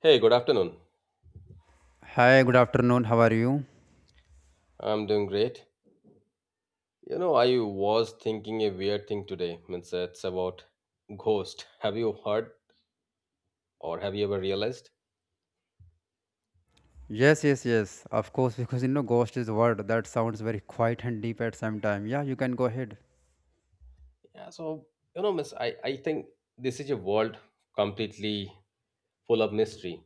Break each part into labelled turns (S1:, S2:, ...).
S1: Hey, good afternoon.
S2: Hi, good afternoon. How are you?
S1: I'm doing great. You know, I was thinking a weird thing today. Means it's about ghost. Have you heard or have you ever realized?
S2: Yes, yes, yes. Of course, because ghost is a word that sounds very quiet and deep at same time. Yeah, you can go ahead.
S1: Yeah, so you know, miss, I think this is a world completely full of mystery,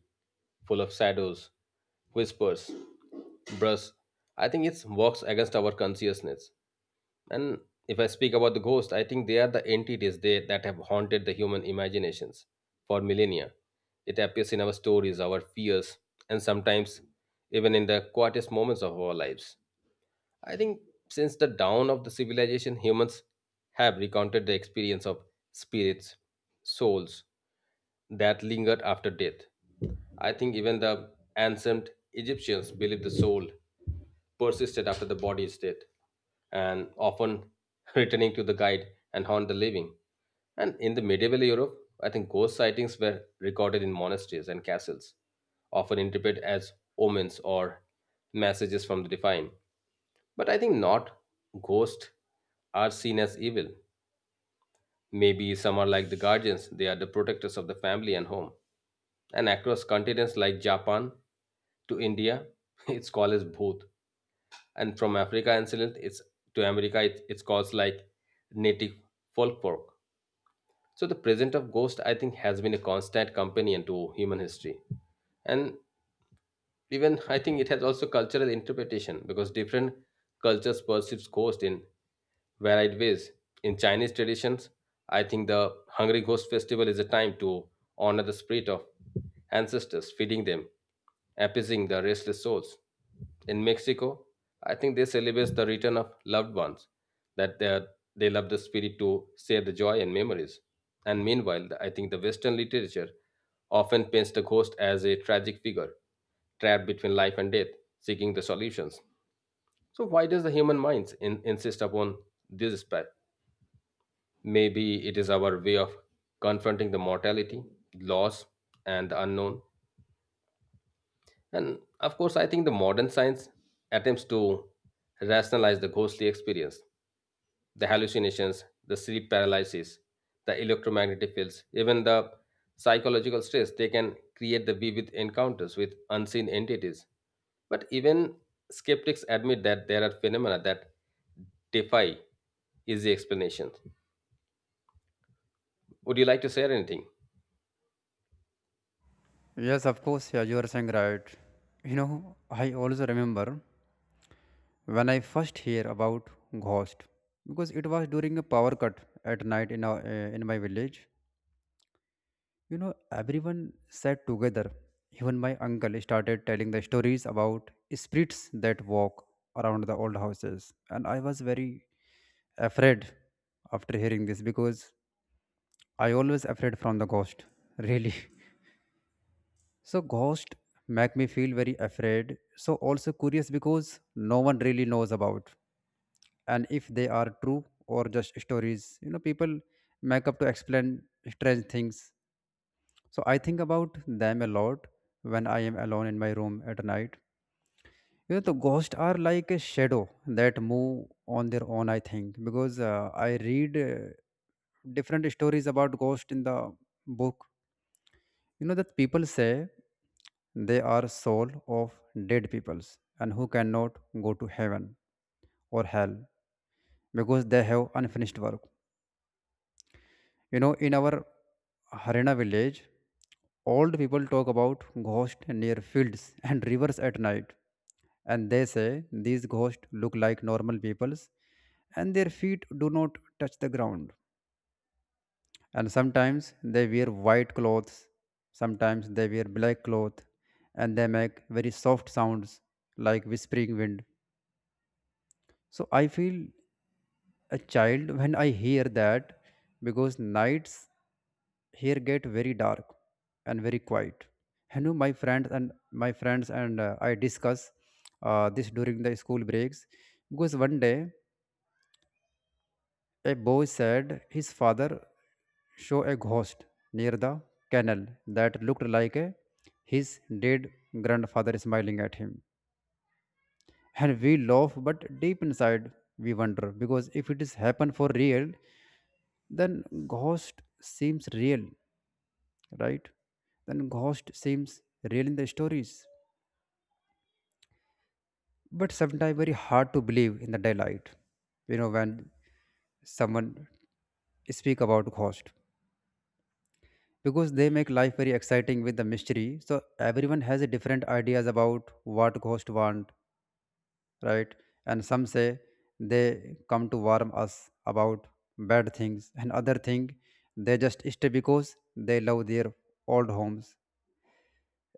S1: full of shadows, whispers, brush. I think it works against our consciousness. And if I speak about the ghost, I think they are the entities they, that have haunted the human imaginations for millennia. It appears in our stories, our fears, and sometimes even in the quietest moments of our lives. I think since the dawn of the civilization, humans have recounted the experience of spirits, souls that lingered after death. I think even the ancient Egyptians believed the soul persisted after the body is dead and often returning to the guide and haunt the living. And in the medieval Europe, I think ghost sightings were recorded in monasteries and castles, often interpreted as omens or messages from the divine. But I think not. Ghosts are seen as evil. Maybe some are like the guardians, they are the protectors of the family and home. And across continents like Japan to India, it's called as Bhoot. And from Africa incident, it's to America, it's called like native folklore. So the presence of ghost, I think, has been a constant companion to human history, and even I think it has also cultural interpretation because different cultures perceives ghost in varied ways. In Chinese traditions, I think the Hungry Ghost Festival is a time to honor the spirit of ancestors, feeding them, appeasing the restless souls. In Mexico, I think they celebrate the return of loved ones, that they, are- they love the spirit to share the joy and memories. And meanwhile, I think the Western literature often paints the ghost as a tragic figure, trapped between life and death, seeking the solutions. So why does the human minds insist upon these? Maybe it is our way of confronting the mortality, loss, and the unknown. And of course, I think the modern science attempts to rationalize the ghostly experience, the hallucinations, the sleep paralysis, the electromagnetic fields, even the psychological stress. They can create the vivid encounters with unseen entities. But even skeptics admit that there are phenomena that defy easy explanations. Would you like to share anything?
S2: Yes, of course. Yeah, you are saying right. I also remember when I first hear about ghost because it was during a power cut at night in in my village. Everyone sat together. Even my uncle started telling the stories about spirits that walk around the old houses. And I was very afraid after hearing this because I always afraid from the ghost. Really. So ghost make me feel very afraid. So also curious because no one really knows about. And if they are true or just stories, people make up to explain strange things. So I think about them a lot when I am alone in my room at night. The ghosts are like a shadow that move on their own. I think because I read different stories about ghosts in the book. You know that people say they are soul of dead peoples and who cannot go to heaven or hell because they have unfinished work. In our Harena village, old people talk about ghosts near fields and rivers at night. And they say these ghosts look like normal people's and their feet do not touch the ground. And sometimes they wear white clothes, sometimes they wear black cloth, and they make very soft sounds like whispering wind. So I feel a child when I hear that because nights here get very dark and very quiet. And know my friends and I discuss this during the school breaks because one day a boy said his father show a ghost near the canal that looked like a, his dead grandfather smiling at him, and we laugh, but deep inside we wonder because if it is happen for real, then ghost seems real, right? Then ghost seems real in the stories, but sometimes very hard to believe in the daylight. You know when someone speak about ghost because they make life very exciting with the mystery. So everyone has a different ideas about what ghost want, right? And some say they come to warn us about bad things, and other thing they just stay because they love their old homes.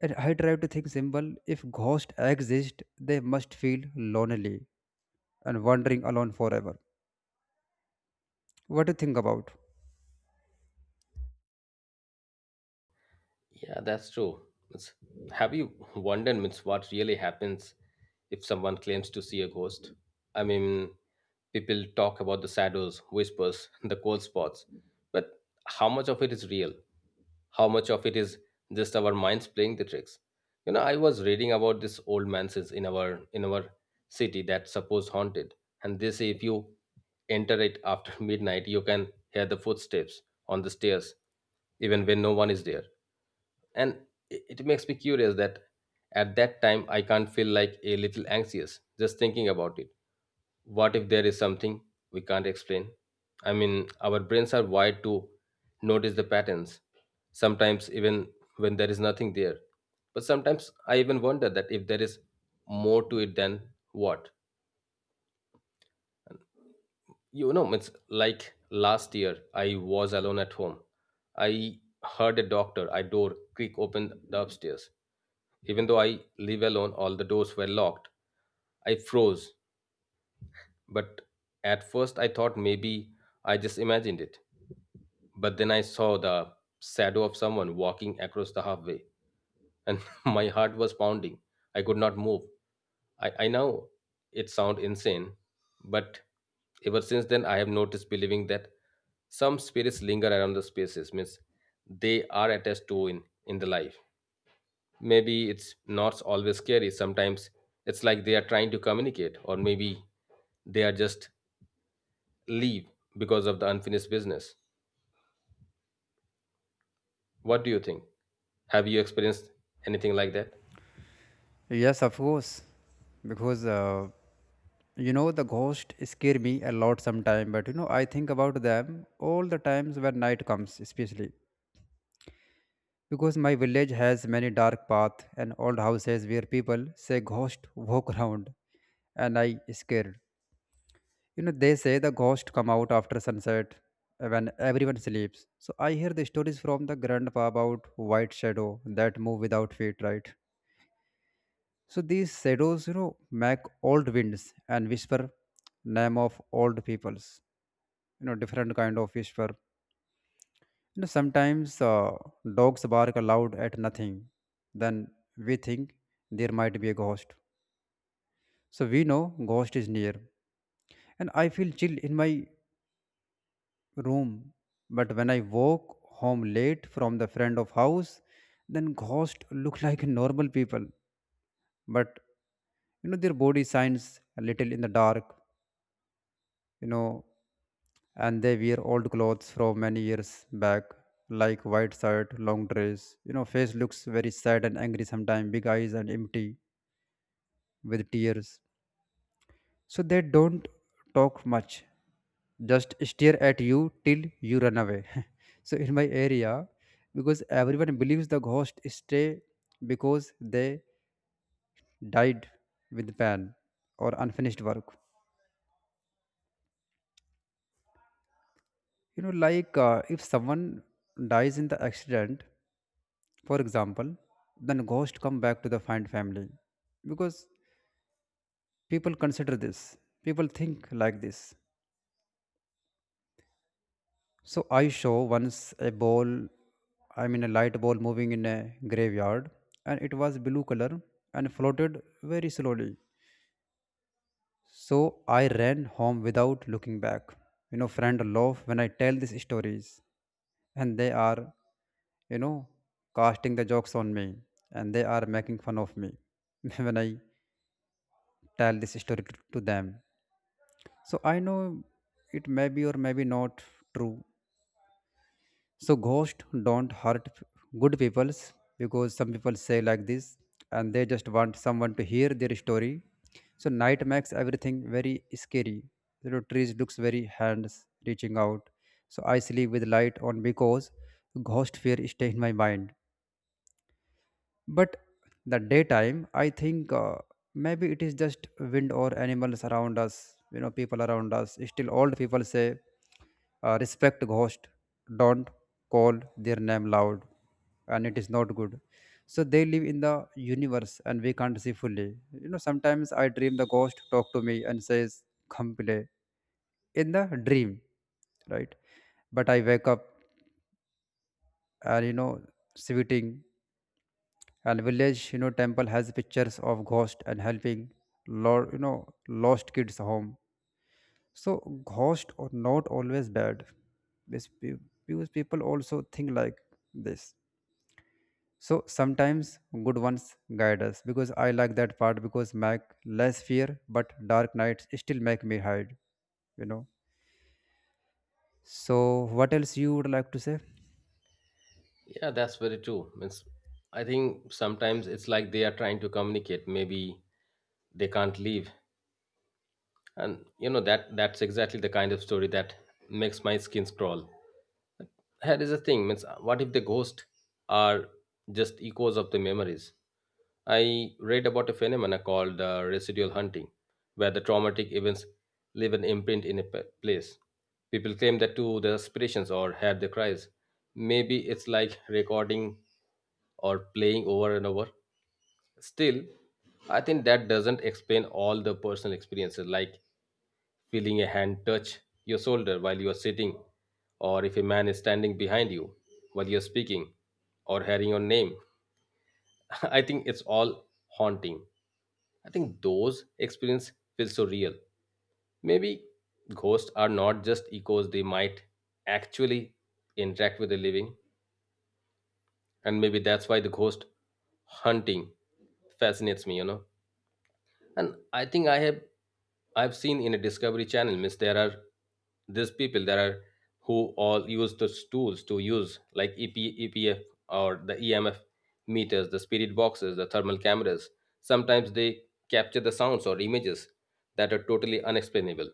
S2: And I try to think simple. If ghosts exist, they must feel lonely and wandering alone forever. What do you think about?
S1: Yeah, that's true. It's, have you wondered means, what really happens if someone claims to see a ghost? I mean, people talk about the shadows, whispers, the cold spots, but how much of it is real? How much of it is just our minds playing the tricks? You know, I was reading about this old mansions in our city that supposed haunted, and they say if you enter it after midnight, you can hear the footsteps on the stairs even when no one is there, and it makes me curious that at that time I can't feel like a little anxious just thinking about it. What if there is something we can't explain? I mean, our brains are wired to notice the patterns sometimes even when there is nothing there. But sometimes I even wonder that if there is more to it than what. You know, it's like last year I was alone at home. I heard a doctor I door creak open the upstairs. Even though I live alone, all the doors were locked. I froze, but at first I thought maybe I just imagined it. But then I saw the shadow of someone walking across the halfway, and my heart was pounding. I could not move. I know it sounds insane, but ever since then I have noticed believing that some spirits linger around the spaces, means they are attached to in the life. Maybe it's not always scary. Sometimes it's like they are trying to communicate, or maybe they are just leave because of the unfinished business. What do you think? Have you experienced anything like that?
S2: Yes, of course. Because the ghost scare me a lot sometime, but I think about them all the times when night comes, especially because my village has many dark paths and old houses where people say ghost walk around, and I scared. They say the ghost come out after sunset when everyone sleeps. So I hear the stories from the grandpa about white shadow that move without feet, right? So these shadows, make old winds and whisper name of old peoples. Different kind of whisper. Sometimes dogs bark aloud at nothing. Then we think there might be a ghost. So we know ghost is near, and I feel chill in my room. But when I woke home late from the friend of house, then ghost look like normal people. But their body shines a little in the dark. You know and they wear old clothes from many years back, like white shirt long dress. Face looks very sad and angry sometimes, big eyes and empty with tears. So they don't talk much, just stare at you till you run away. So in my area, because everyone believes the ghost stay because they died with pain or unfinished work. Like if someone dies in the accident, for example, then ghost come back to the find family because people consider this. People think like this. So I saw once a ball, I mean a light ball moving in a graveyard, and it was blue color and floated very slowly. So I ran home without looking back. Friend laugh when I tell these stories, and they are, you know, casting the jokes on me, and they are making fun of me when I tell this story to them. So I know it may be or maybe not true, so ghosts don't hurt good peoples because some people say like this, and they just want someone to hear their story. So night makes everything very scary. Trees looks very hands reaching out. So I sleep with light on because ghost fear stay in my mind. But the daytime I think maybe it is just wind or animals around us. People around us, still old people say respect ghost, don't call their name loud, and it is not good. So they live in the universe and we can't see fully. Sometimes I dream the ghost talk to me and says come play in the dream, right? But I wake up and, sweating. And village, temple has pictures of ghost and helping lord, lost kids home. So ghost are not always bad. Bes- pe- because people also think like this. So sometimes good ones guide us because I like that part because make less fear. But dark nights still make me hide, you know so what else you would like to say?
S1: Yeah, that's very true. I think sometimes it's like they are trying to communicate, maybe they can't leave. And you know that's exactly the kind of story that makes my skin crawl. Here is a thing, means what if the ghosts are just echoes of the memories? I read about a phenomena called residual hunting, where the traumatic events leave an imprint in a place. People claim that to their aspirations or have their cries. Maybe it's like recording or playing over and over. Still, I think that doesn't explain all the personal experiences like feeling a hand touch your shoulder while you are sitting, or if a man is standing behind you while you're speaking, or hearing your name. I think it's all haunting. I think those experiences feel so real. Maybe ghosts are not just echoes, they might actually interact with the living, and maybe that's why the ghost hunting fascinates me, you know. And I think I have I've seen in a discovery channel miss. There are these people there are who all use those tools to use like EPEPF or the emf meters, the spirit boxes, the thermal cameras. Sometimes they capture the sounds or images that are totally unexplainable.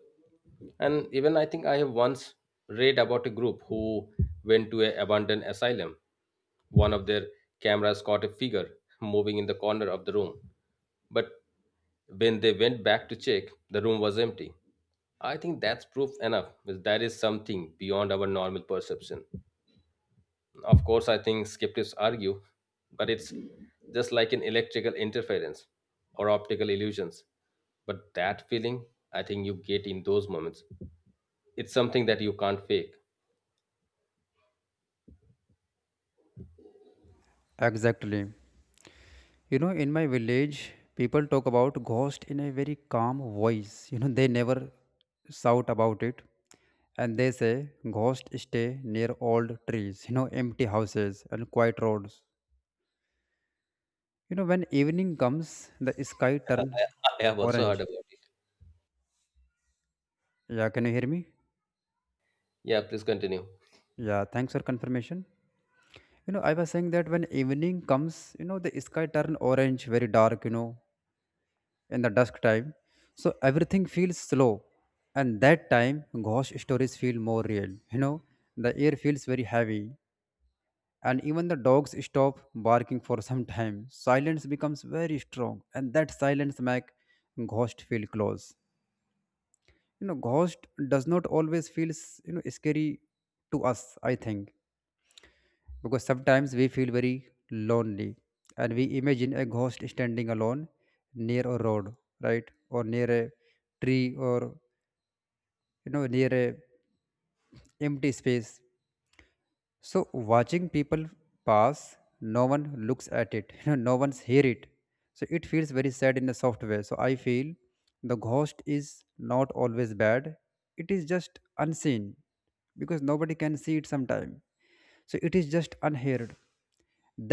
S1: And even I think I have once read about a group who went to a abandoned asylum. One of their cameras caught a figure moving in the corner of the room. But when they went back to check, the room was empty. I think that's proof enough that there is something beyond our normal perception. Of course, I think skeptics argue, but it's just like an electrical interference or optical illusions. But that feeling, I think you get in those moments, it's something that you can't fake.
S2: Exactly. In my village, people talk about ghost in a very calm voice. They never shout about it. And they say ghosts stay near old trees, empty houses and quiet roads. When evening comes, the sky
S1: I
S2: turn
S1: I have also heard
S2: orange.
S1: about it.
S2: Yeah, can you hear me?
S1: Yeah, please continue.
S2: Yeah, thanks for confirmation. I was saying that when evening comes, the sky turn orange, very dark, in the dusk time. So everything feels slow, and that time ghost stories feel more real. The air feels very heavy, and even the dogs stop barking for some time. Silence becomes very strong, and that silence makes ghost feel close. Ghost does not always feels scary to us, I think. Because sometimes we feel very lonely and we imagine a ghost standing alone near a road, right? Or near a tree or near a empty space. So watching people pass, no one looks at it. No one's hear it. So it feels very sad in a soft way. So I feel the ghost is not always bad, it is just unseen. Because nobody can see it sometime, so it is just unheard.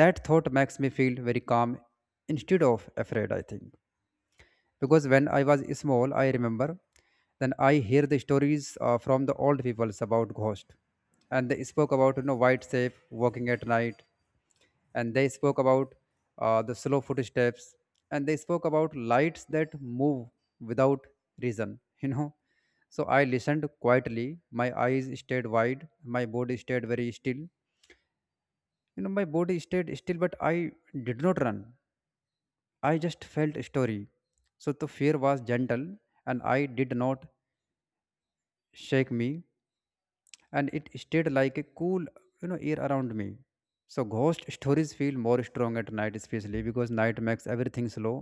S2: That thought makes me feel very calm instead of afraid, I think. Because when I was small I remember then I hear the stories from the old peoples about ghost. And they spoke about, white shape walking at night. And they spoke about the slow footsteps. And they spoke about lights that move without reason. So I listened quietly, my eyes stayed wide, my body stayed very still. My body stayed still but I did not run. I just felt a story. So the fear was gentle and I did not shake me, and it stayed like a cool, air around me. So ghost stories feel more strong at night especially because night makes everything slow,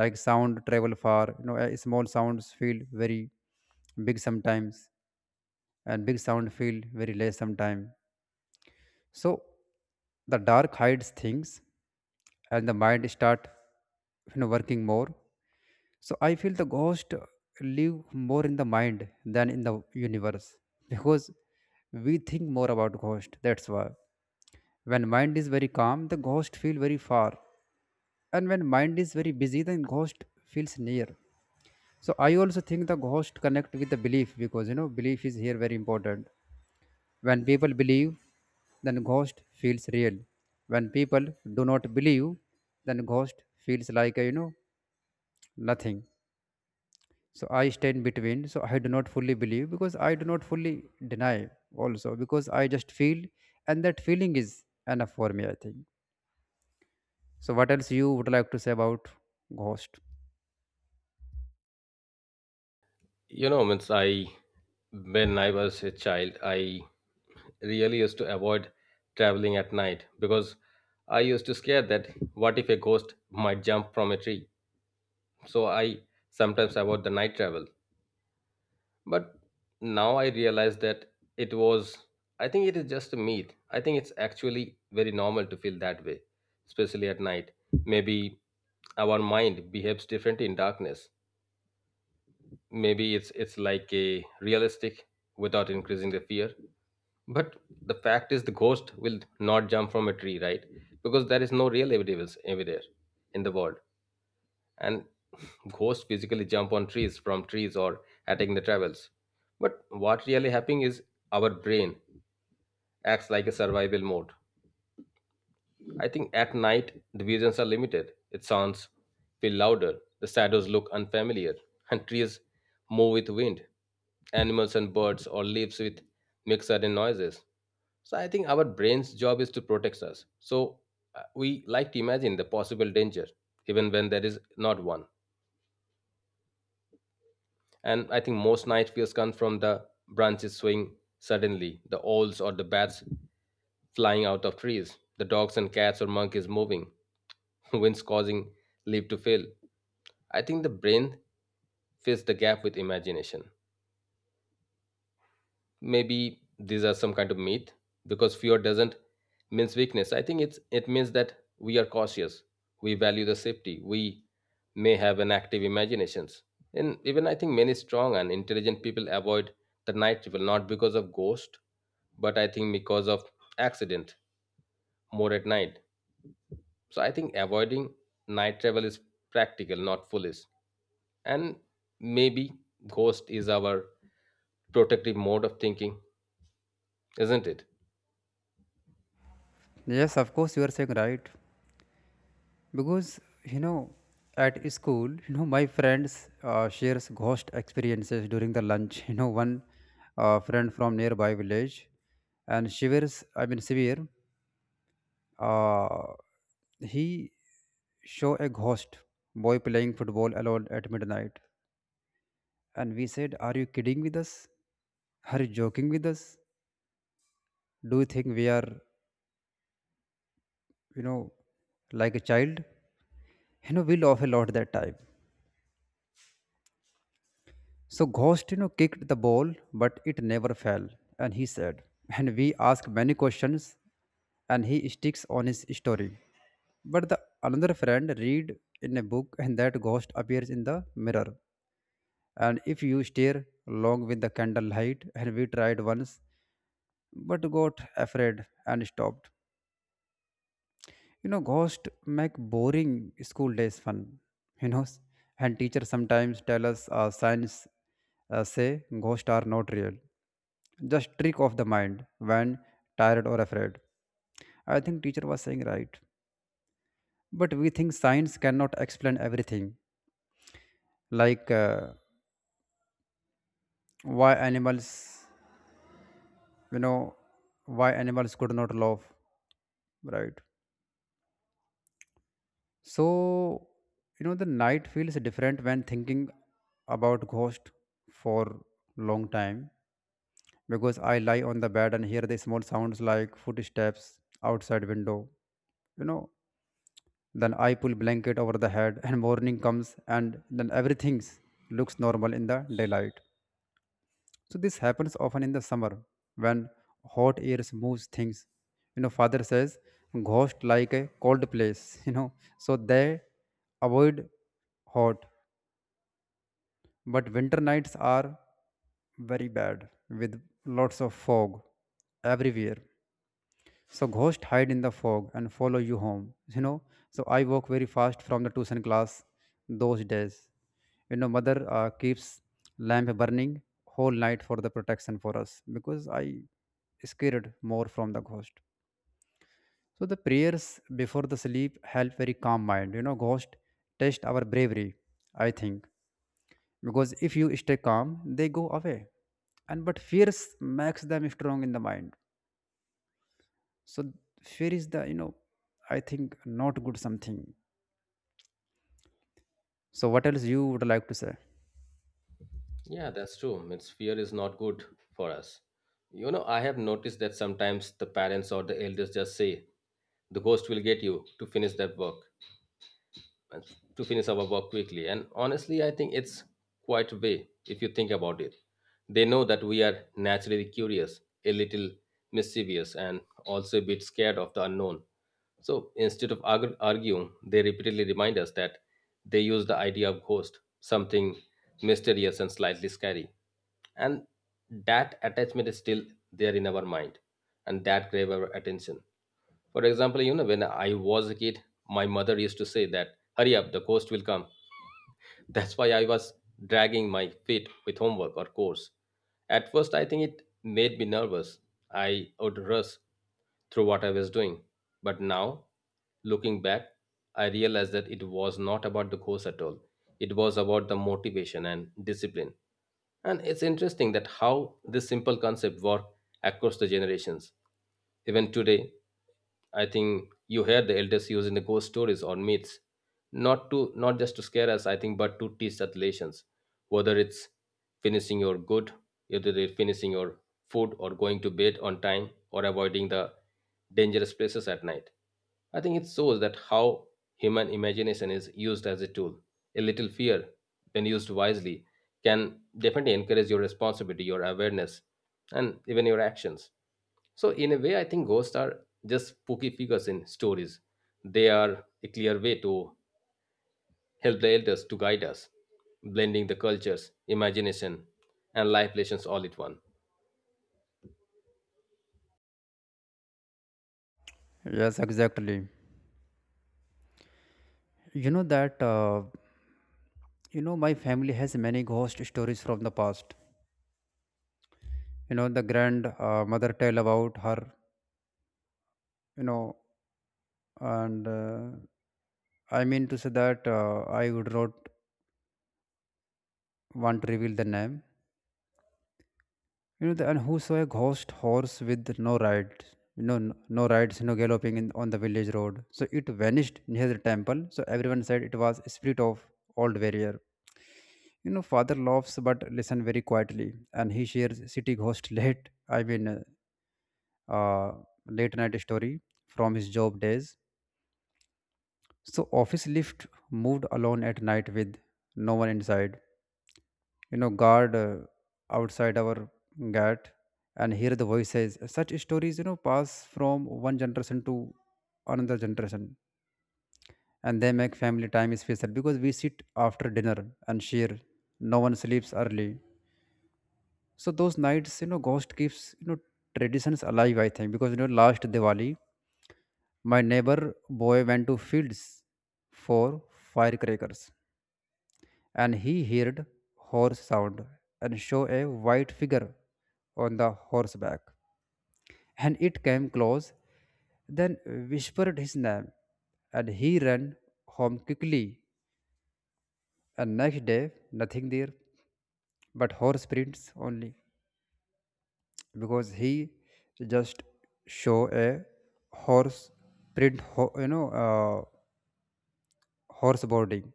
S2: like sound travel far. Small sounds feel very big sometimes, and big sound feel very less sometimes. So the dark hides things and the mind start, working more. So I feel the ghost live more in the mind than in the universe because we think more about ghost. That's why when mind is very calm, the ghost feel very far, and when mind is very busy, then ghost feels near. So I also think the ghost connect with the belief because belief is here very important. When people believe, then ghost feels real. When people do not believe, then ghost feels like a, nothing. So I stand between, so I do not fully believe because I do not fully deny also. Because I just feel, and that feeling is enough for me, I think. So what else you would like to say about ghost?
S1: You know, means I, when I was a child, I really used to avoid traveling at night because I used to scare that what if a ghost might jump from a tree. So I sometimes avoid the night travel. But now I realize that it was, I think it is just a myth. I think it's actually very normal to feel that way, especially at night. Maybe our mind behaves differently in darkness. Maybe it's like a realistic without increasing the fear. But the fact is the ghost will not jump from a tree, right? Because there is no real evidence everywhere in the world, and ghosts physically jump on trees from trees or attacking the travels. But what really happening is our brain acts like a survival mode. I think at night the visions are limited. It sounds feel louder, the shadows look unfamiliar, and trees move with wind. Animals and birds or leaves with make sudden noises. So I think our brain's job is to protect us. So we like to imagine the possible danger, even when there is not one. And I think most night fears come from the branches swing suddenly, the owls or the bats flying out of trees, the dogs and cats or monkeys moving, winds causing leaf to fail. I think the brain fills the gap with imagination. Maybe these are some kind of myth, because fear doesn't means weakness. I think it's it means that we are cautious, we value the safety, we may have an active imaginations. And even I think many strong and intelligent people avoid the night travel, not because of ghost, but I think because of accident more at night. So I think avoiding night travel is practical, not foolish. And maybe ghost is our protective mode of thinking, isn't it?
S2: Yes, of course, you are saying right. Because you know at school, my friends shares ghost experiences during the lunch. One friend from nearby village, and she wears I mean severe. Uh, he show a ghost boy playing football alone at midnight, and we said, "Are you kidding with us? Are you joking with us? Do you think we are, you know, like a child?" You know, we laughed a lot that time. So ghost, you know, kicked the ball, but it never fell. And he said, and we asked many questions, and he sticks on his story. But the another friend read in a book, and that ghost appears in the mirror. And if you stare long with the candlelight, and we tried once but got afraid and stopped. You know, ghosts make boring school days fun, you know and teachers sometimes tell us science, say ghosts are not real, just trick of the mind when tired or afraid. I think teacher was saying right, but we think science cannot explain everything, like why animals, you know why animals could not love. Right. So, the night feels different when thinking about ghost for long time, because I lie on the bed and hear the small sounds like footsteps outside window. You know, then I pull blanket over the head, and morning comes and then everything looks normal in the daylight. So this happens often in the summer when hot air moves things. Father says, ghost like a cold place, so they avoid hot. But winter nights are very bad with lots of fog everywhere. So ghosts hide in the fog and follow you home. So I walk very fast from the tuition class those days. Mother keeps lamp burning whole night for the protection for us because I scared more from the ghost. So the prayers before the sleep help very calm mind. Ghost test our bravery. I think because if you stay calm, they go away, and but fears makes them strong in the mind, so fear is the, I think, not good something. So what else you would like to say?
S1: Yeah, that's true. It's Fear is not good for us. You know, I have noticed that sometimes the parents or the elders just say, the ghost will get you to finish that work and to finish our work quickly. And honestly, I think it's quite a way if you think about it. They know that we are naturally curious, a little mischievous, and also a bit scared of the unknown. So instead of arguing, they repeatedly remind us that they use the idea of ghost, something mysterious and slightly scary. And that attachment is still there in our mind, and that grave our attention. For example, you know, when I was a kid, my mother used to say that, hurry up, the ghost will come. That's why I was dragging my feet with homework or course. At first, I think it made me nervous. I would rush through what I was doing. But now, looking back, I realized that it was not about the course at all. It was about the motivation and discipline. And it's interesting that how this simple concept worked across the generations. Even today, I think you hear the elders using the ghost stories or myths not just to scare us, I think, but to teach us lessons. whether it's finishing your good Whether they're finishing your food or going to bed on time or avoiding the dangerous places at night. I think it shows that how human imagination is used as a tool. A little fear, when used wisely, can definitely encourage your responsibility, your awareness, and even your actions. So in a way, I think ghosts are just spooky figures in stories. They are a clear way to help the elders to guide us, blending the cultures, imagination, and life lessons all at one.
S2: Yes, exactly. you know that you know My family has many ghost stories from the past. The grand mother tale about her, you know and I mean to say that I would not want to reveal the name. And who saw a ghost horse with no rides, you know, no rides, you know, galloping in, on the village road. So it vanished near the temple. So everyone said it was a spirit of old warrior. You know, father laughs but listen very quietly, and he shares city ghost late. I mean, uh, late night story from his job days. So office lift moved alone at night with no one inside. You know, guard outside our gate and hear the voices. Such stories, you know, pass from one generation to another generation, and they make family time special because we sit after dinner and share. No one sleeps early. So those nights, you know, ghost keeps, you know, traditions alive, I think. Because, you know, last Diwali, my neighbor boy went to fields for firecrackers, and he heard horse sound, and saw a white figure on the horseback, and it came close, then whispered his name, and he ran home quickly. And next day, nothing there but horse prints only, because he just show a horse print ho- you know horse boarding.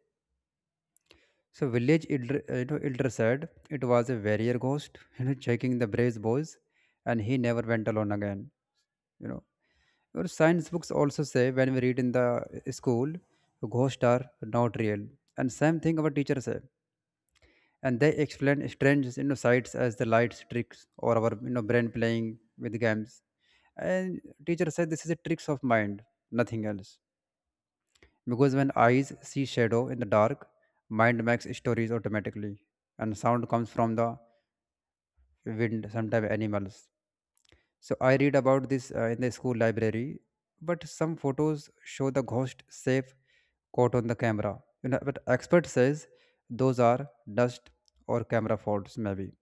S2: So village elder, you know, elder said it was a warrior ghost, you know, checking the brave boys, and he never went alone again. You know, your science books also say, when we read in the school, ghosts are not real, and same thing our teachers say, and they explain strange, you know, sights as the lights tricks or our, you know, brain playing with games. And teacher said this is a tricks of mind, nothing else. Because when eyes see shadow in the dark, mind makes stories automatically, and sound comes from the wind, sometimes animals. So I read about this in the school library, but some photos show the ghost safe caught on the camera. You know, but expert says those are dust or camera faults maybe.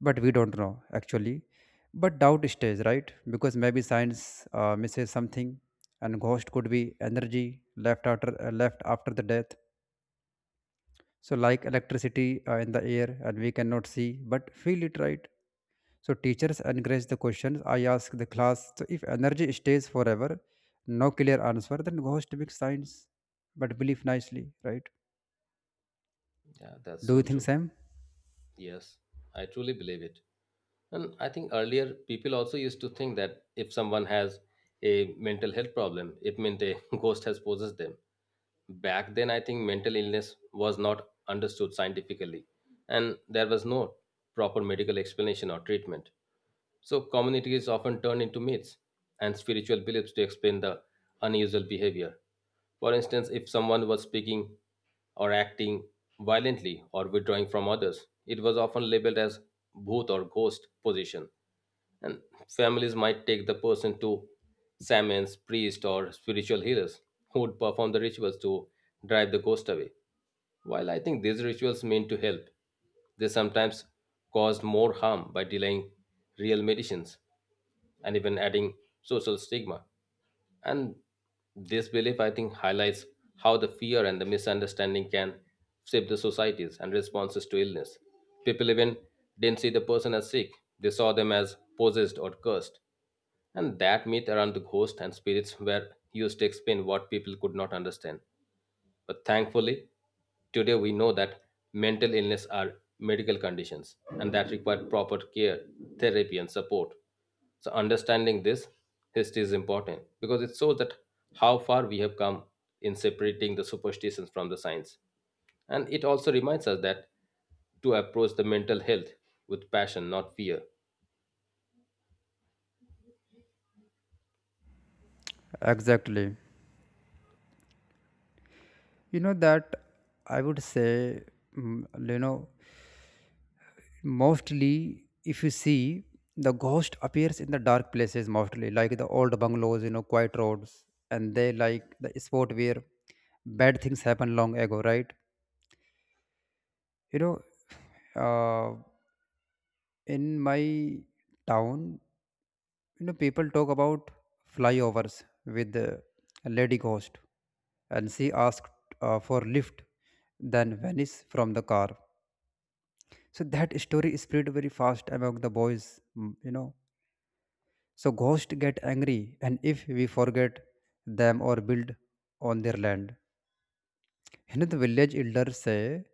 S2: But we don't know actually. But doubt stays, right? Because maybe science misses something, and ghost could be energy left after the death. So like electricity in the air, and we cannot see but feel it, right? So teachers encourage the questions. I ask the class, so if energy stays forever, no clear answer, then ghost big science but believe nicely, right?
S1: Yeah, that's
S2: Do you
S1: so
S2: think,
S1: true.
S2: Sam?
S1: Yes, I truly believe it. And I think earlier people also used to think that if someone has a mental health problem, it meant a ghost has possessed them. Back then, I think mental illness was not understood scientifically, and there was no proper medical explanation or treatment. So, communities often turn into myths and spiritual beliefs to explain the unusual behavior. For instance, if someone was speaking or acting violently or withdrawing from others, it was often labeled as bhoot or ghost position. And families might take the person to shamans, priests, or spiritual healers who would perform the rituals to drive the ghost away. While I think these rituals mean to help, they sometimes caused more harm by delaying real medicines and even adding social stigma. And this belief, I think, highlights how the fear and the misunderstanding can shape the societies and responses to illness. People even didn't see the person as sick, they saw them as possessed or cursed. And that myth around the ghost and spirits were used to explain what people could not understand. But thankfully, today we know that mental illness are medical conditions and that require proper care, therapy, and support. So understanding this history is important because it shows that how far we have come in separating the superstitions from the science. And it also reminds us that to approach the mental health with passion, not fear.
S2: Exactly. you know that I would say, mm, you know, mostly if you see, the ghost appears in the dark places mostly, like the old bungalows, you know, quiet roads, and they like the spot where bad things happen long ago, right? you know uh, in my town, you know, people talk about flyovers with the lady ghost, and she asked for lift, then vanished from the car. So that story spread very fast among the boys, you know. So ghosts get angry, and if we forget them or build on their land, you the village elders say,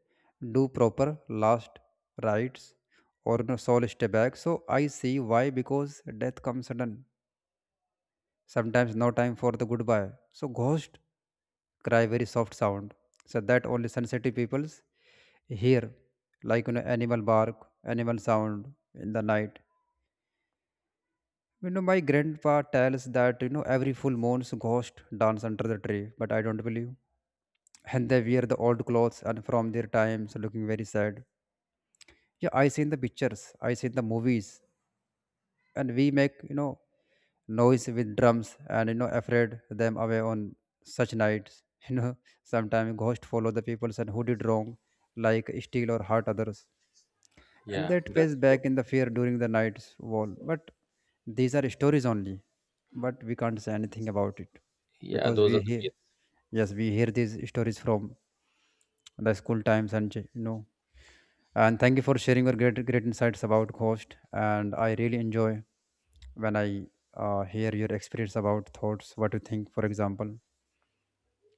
S2: do proper last rites or no soul stay back. So I see why, because death comes sudden. Sometimes no time for the goodbye. So ghost cry very soft sound. So that only sensitive peoples hear, like, you know, animal bark, animal sound in the night. You know, my grandpa tells that, you know, every full moon's ghost dance under the tree, but I don't believe. And they wear the old clothes and from their times, looking very sad. Yeah, I seen the pictures, I seen the movies, and we make, you know, noise with drums and, you know, afraid them away on such nights. You know, sometimes ghosts follow the people and who did wrong, like steal or hurt others. And
S1: Yeah,
S2: that pays
S1: that's true.
S2: back in the fear during the night's wall. But these are stories only, but we can't say anything about it,
S1: Yeah,
S2: because
S1: those are
S2: we
S1: the
S2: hear,
S1: myths.
S2: yes, we hear these stories from the school times, and you know. And thank you for sharing your great great insights about ghost. And I really enjoy when I hear your experience about thoughts, what you think, for example.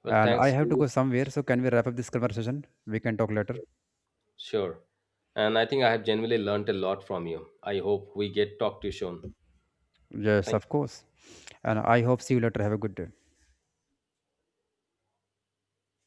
S1: Well,
S2: And I
S1: thanks to
S2: have to
S1: you
S2: go
S1: so.
S2: somewhere, so can we wrap up this conversation? We can talk later.
S1: Sure. And I think I have genuinely learned a lot from you. I hope we get talk to you soon.
S2: Yes,
S1: Thank
S2: of course. And I hope see you later. Have a good day.